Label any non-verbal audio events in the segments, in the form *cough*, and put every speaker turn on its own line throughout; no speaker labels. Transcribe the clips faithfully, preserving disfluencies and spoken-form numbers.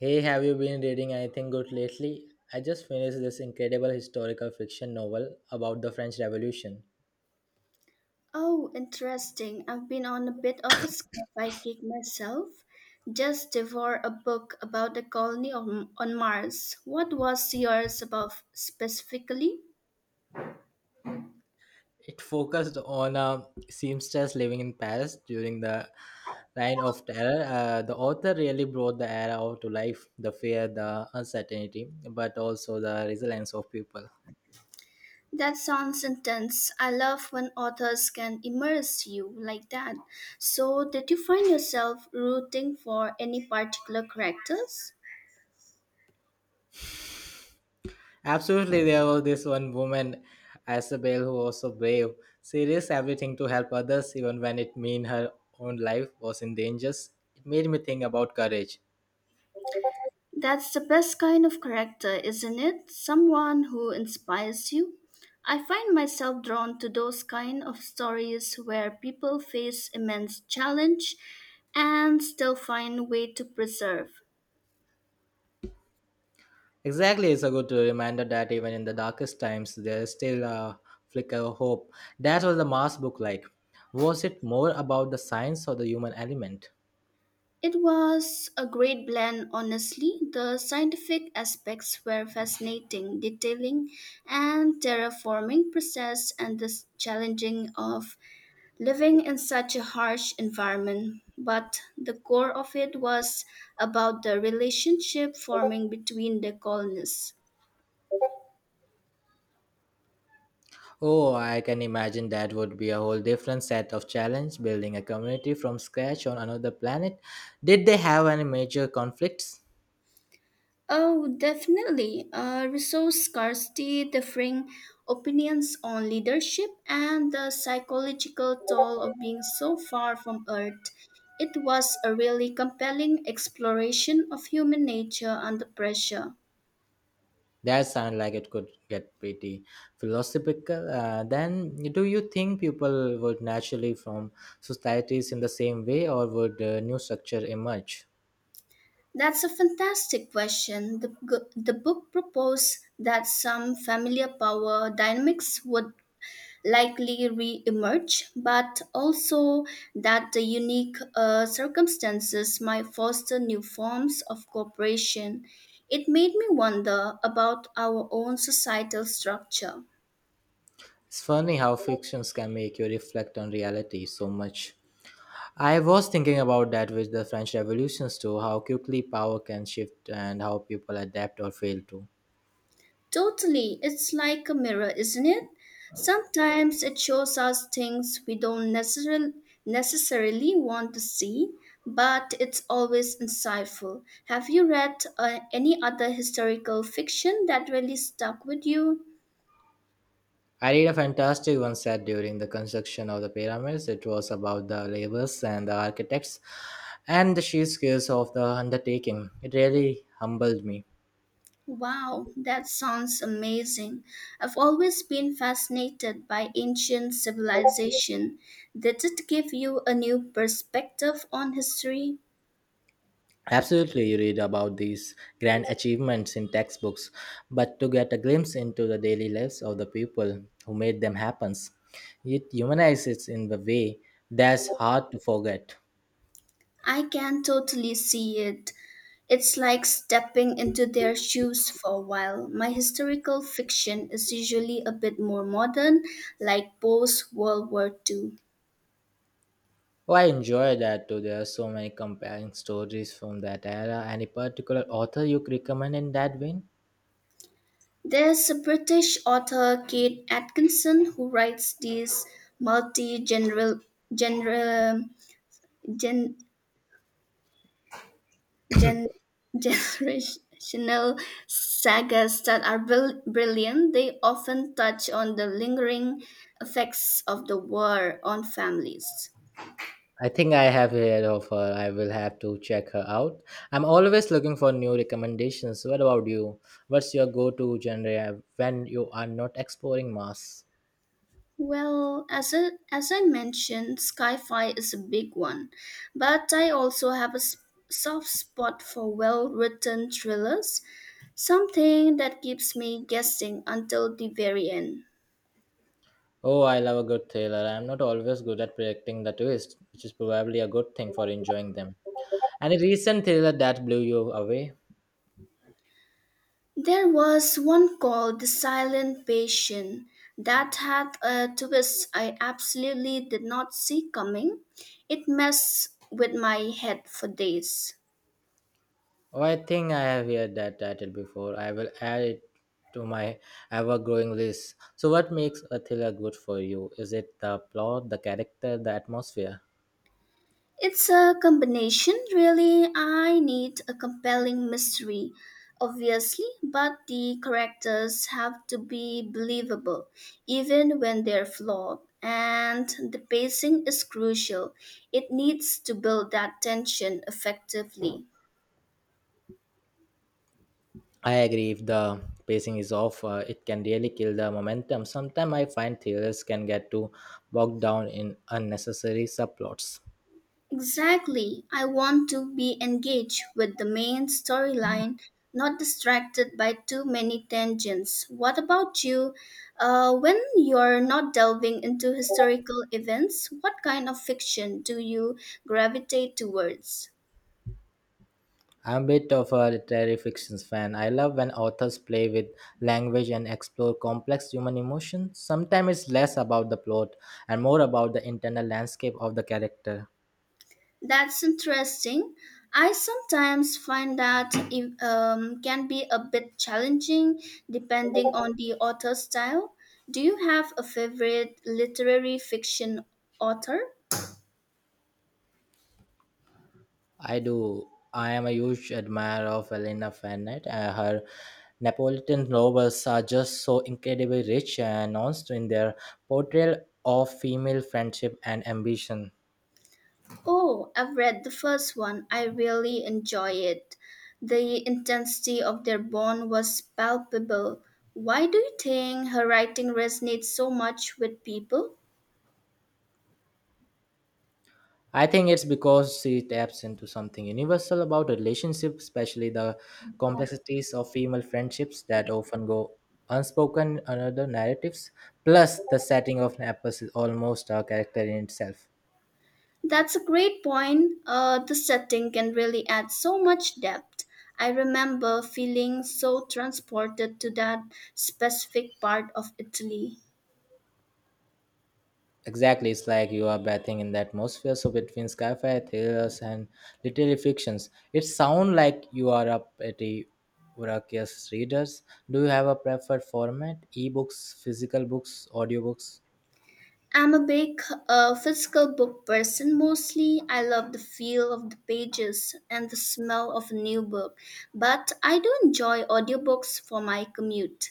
Hey, have you been reading anything good lately? I just finished this incredible historical fiction novel about the French Revolution.
Oh, interesting. I've been on a bit of a sci-fi kick myself. Just devoured a book about the colony on, on Mars. What was yours about specifically?
It focused on a seamstress living in Paris during the Reign of Terror. Uh, the author really brought the era out to life the fear, the uncertainty, but also the resilience of people.
That sounds intense. I love when authors can immerse you like that. So, did you find yourself rooting for any particular characters?
Absolutely, there was this one woman, Isabel, who was so brave, serious, everything to help others, even when it meant her own life was in danger. It made me think about courage.
That's the best kind of character, isn't it? Someone who inspires you. I find myself drawn to those kind of stories where people face immense challenge and still find a way to preserve.
Exactly, it's a good reminder that even in the darkest times, there is still a flicker of hope. That was the Mars book like. Was it more about the science or the human element?
It was a great blend, honestly. The scientific aspects were fascinating, detailing and terraforming process and the challenging of living in such a harsh environment, but the core of it was about the relationship forming between the colonists.
Oh, I can imagine that would be a whole different set of challenge building a community from scratch on another planet. Did they have any major conflicts?
Oh, definitely. Uh, resource scarcity, differing opinions on leadership, and the psychological toll of being so far from Earth. It was a really compelling exploration of human nature under pressure.
That sounds like it could get pretty philosophical. Uh, then, do you think people would naturally form societies in the same way, or would a new structure emerge?
That's a fantastic question. The, g- the book proposed that some familiar power dynamics would likely re emerge, but also that the unique uh, circumstances might foster new forms of cooperation. It made me wonder about our own societal structure.
It's funny how fictions can make you reflect on reality so much. I was thinking about that with the French revolutions too, how quickly power can shift and how people adapt or fail to.
Totally. It's like a mirror, isn't it? Sometimes it shows us things we don't necessarily necessarily want to see, but it's always insightful. Have you read uh, any other historical fiction that really stuck with you?
I read a fantastic one set during the construction of the pyramids. It was about the laborers and the architects and the sheer skills of the undertaking. It really humbled me.
Wow, that sounds amazing. I've always been fascinated by ancient civilization. Did it give you a new perspective on history?
Absolutely, you read about these grand achievements in textbooks, but to get a glimpse into the daily lives of the people who made them happen, it humanizes in a way that's hard to forget.
I can totally see it. It's like stepping into their shoes for a while. My historical fiction is usually a bit more modern, like post World War two.
Oh, I enjoy that too. There are so many compelling stories from that era. Any particular author you recommend in that vein?
There's a British author, Kate Atkinson, who writes these multi general genre, gen, gen, *laughs* generational sagas that are bril- brilliant. They often touch on the lingering effects of the war on families.
I think I have heard of her. I will have to check her out. I'm always looking for new recommendations. What about you? What's your go to genre when you are not exploring mass?
Well, as a as I mentioned, Skyfi is a big one, but I also have a s- soft spot for well-written thrillers, something that keeps me guessing until the very end.
Oh, I love a good thriller. I'm not always good at predicting the twist, which is probably a good thing for enjoying them. Any recent thriller that blew you away?
There was one called The Silent Patient that had a twist I absolutely did not see coming. It messed with my head for days.
Oh, I think I have heard that title before. I will add it to my ever growing list. So, what makes a thriller good for you? Is it the plot, the character, the atmosphere?
It's a combination, really. I need a compelling mystery, obviously, but the characters have to be believable, even when they're flawed. And the pacing is crucial. It needs to build that tension effectively.
I agree. If the pacing is off, uh, it can really kill the momentum. Sometimes I find theorists can get too bogged down in unnecessary subplots.
Exactly. I want to be engaged with the main storyline, not distracted by too many tangents. What about you? Uh, when you're not delving into historical events, what kind of fiction do you gravitate towards?
I'm a bit of a literary fiction fan. I love when authors play with language and explore complex human emotions. Sometimes it's less about the plot and more about the internal landscape of the character.
That's interesting. I sometimes find that it um, can be a bit challenging depending on the author's style. Do you have a favorite literary fiction author?
I do. I am a huge admirer of Elena Fernet. Uh, her Napolitan novels are just so incredibly rich and nuanced in their portrayal of female friendship and ambition.
Oh, I've read the first one. I really enjoy it. The intensity of their bond was palpable. Why do you think her writing resonates so much with people?
I think it's because she taps into something universal about relationships, especially the complexities of female friendships that often go unspoken in other narratives. Plus, the setting of Naples is almost a character in itself.
That's a great point. Uh, the setting can really add so much depth. I remember feeling so transported to that specific part of Italy.
Exactly, it's like you are bathing in the atmosphere. So between skyfire fi thrillers and literary fictions, it sounds like you are a pretty voracious readers. Do you have a preferred format? Ebooks, physical books, audiobooks?
I'm a big uh, physical book person mostly. I love the feel of the pages and the smell of a new book, but I do enjoy audiobooks for my commute.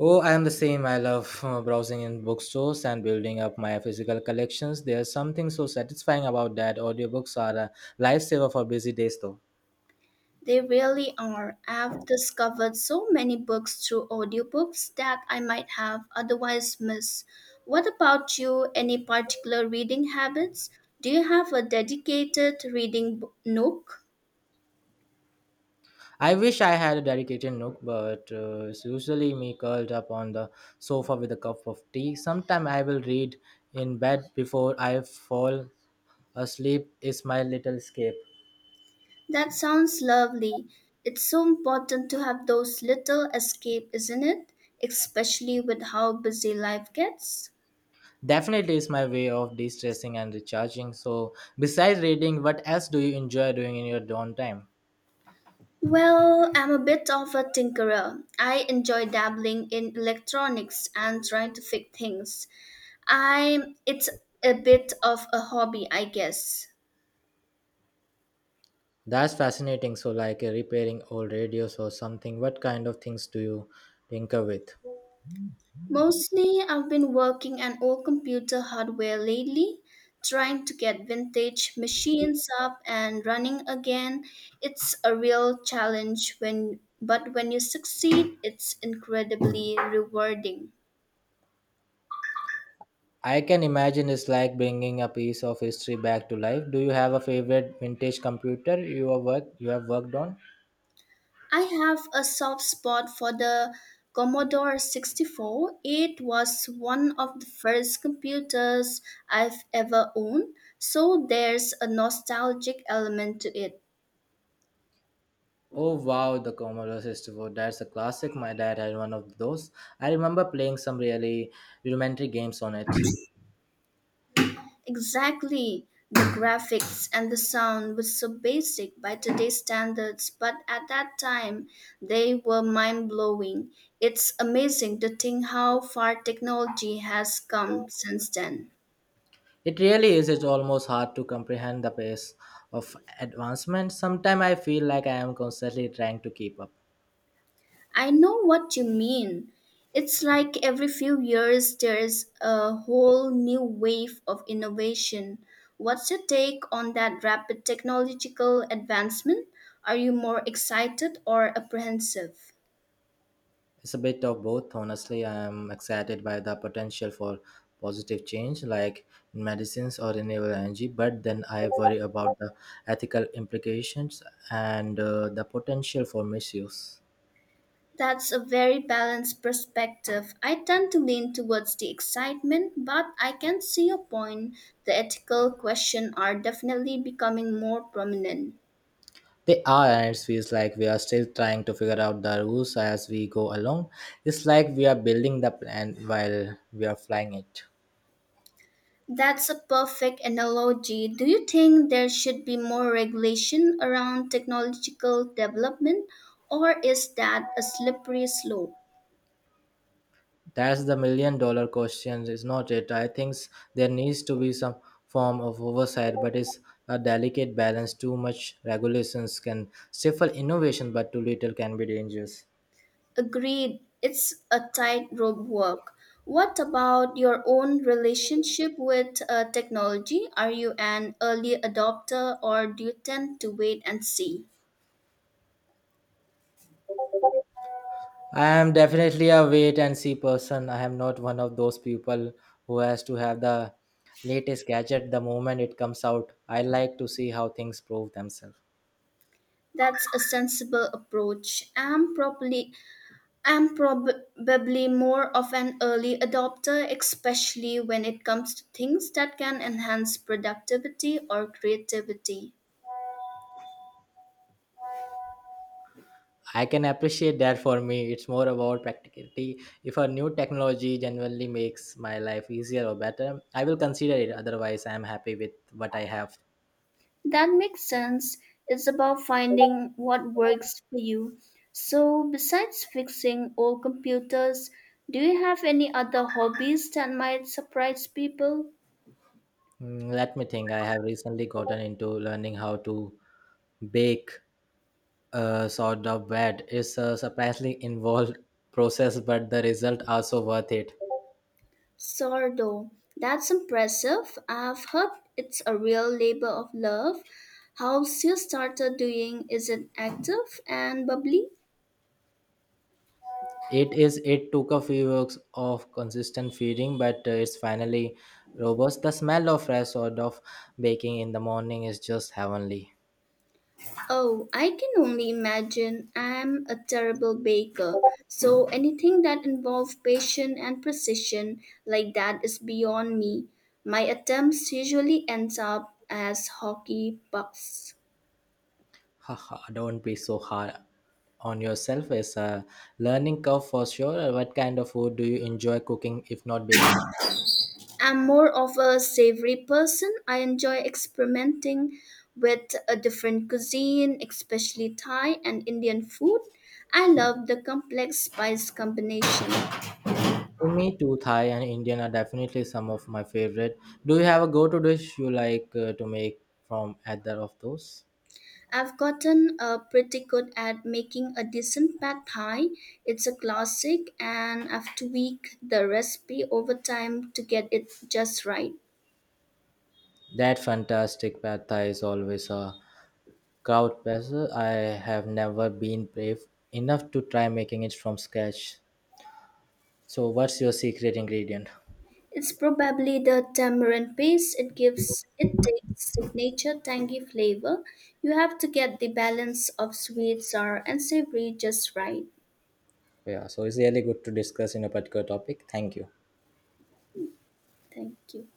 Oh, I am the same. I love uh, browsing in bookstores and building up my physical collections. There's something so satisfying about that. Audiobooks are a lifesaver for busy days, though.
They really are. I've discovered so many books through audiobooks that I might have otherwise missed. What about you? Any particular reading habits? Do you have a dedicated reading b- nook?
I wish I had a dedicated nook, but uh, it's usually me curled up on the sofa with a cup of tea. Sometime I will read in bed before I fall asleep. Is my little escape.
That sounds lovely. It's so important to have those little escape, isn't it? Especially with how busy life gets.
Definitely is my way of de-stressing and recharging. So, besides reading, what else do you enjoy doing in your downtime?
Well, I'm a bit of a tinkerer. I enjoy dabbling in electronics and trying to fix things. I it's a bit of a hobby, I guess.
That's fascinating. So, like uh, repairing old radios or something. What kind of things do you tinker with?
Mostly, I've been working on old computer hardware lately, trying to get vintage machines up and running again. It's a real challenge when but when you succeed, it's incredibly rewarding.
I can imagine it's like bringing a piece of history back to life. Do you have a favorite vintage computer you have worked you have worked on?
I have a soft spot for the Commodore sixty-four. It was one of the first computers I've ever owned, so there's a nostalgic element to it.
Oh wow, the Commodore sixty-four. That's a classic. My dad had one of those. I remember playing some really rudimentary games on it.
Exactly. The graphics and the sound were so basic by today's standards, but at that time they were mind blowing. It's amazing to think how far technology has come since then.
It really is. It's almost hard to comprehend the pace of advancement. Sometimes I feel like I am constantly trying to keep up.
I know what you mean. It's like every few years there is a whole new wave of innovation. What's your take on that rapid technological advancement? Are you more excited or apprehensive?
It's a bit of both. Honestly, I am excited by the potential for positive change, like in medicines or renewable energy, but then I worry about the ethical implications and uh, the potential for misuse.
That's a very balanced perspective. I tend to lean towards the excitement, but I can see your point. The ethical questions are definitely becoming more prominent.
They are, and it feels like we are still trying to figure out the rules as we go along. It's like we are building the plan while we are flying it.
That's a perfect analogy. Do you think there should be more regulation around technological development, or is that a slippery slope?
That's the million dollar question, is not it? I think s- there needs to be some form of oversight, but it's a delicate balance. Too much regulations can stifle innovation, but too little can be dangerous.
Agreed, it's a tightrope walk. What about your own relationship with uh, technology? Are you an early adopter or do you tend to wait and see?
I am definitely a wait and see person. I am not one of those people who has to have the latest gadget the moment it comes out. I like to see how things prove themselves.
That's a sensible approach. I'm probably I'm probably more of an early adopter, especially when it comes to things that can enhance productivity or creativity.
I can appreciate that for me. It's more about practicality. If a new technology genuinely makes my life easier or better, I will consider it. Otherwise, I am happy with what I have.
That makes sense. It's about finding what works for you. So, besides fixing old computers, do you have any other hobbies that might surprise people?
Mm, let me think. I have recently gotten into learning how to bake a sort of bread. It's a surprisingly involved process, but the results are so worth it.
Sordo. That's impressive. I've heard it's a real labor of love. How's your starter doing? Is it active and bubbly?
It is. It took a few weeks of consistent feeding, but uh, it's finally robust. The smell of fresh sort of baking in the morning is just heavenly.
Oh, I can only imagine. I'm a terrible baker. So anything that involves patience and precision like that is beyond me. My attempts usually ends up as hockey pucks.
Haha, don't be so hard on yourself. It's a learning curve for sure. What kind of food do you enjoy cooking, if not baking?
I'm more of a savory person. I enjoy experimenting with a different cuisine, especially Thai and Indian food. I love the complex spice combination.
For me too, Thai and Indian are definitely some of my favorite. Do you have a go-to dish you like uh, to make from either of those?
I've gotten uh, pretty good at making a decent pad thai. It's a classic, and I've tweaked the recipe over time to get it just right.
That fantastic pad thai is always a crowd pleaser. I have never been brave enough to try making it from scratch. So, what's your secret ingredient?
It's probably the tamarind paste. It gives it takes signature tangy flavor. You have to get the balance of sweet, sour, and savory just right.
Yeah, so it's really good to discuss in a particular topic. Thank you.
Thank you.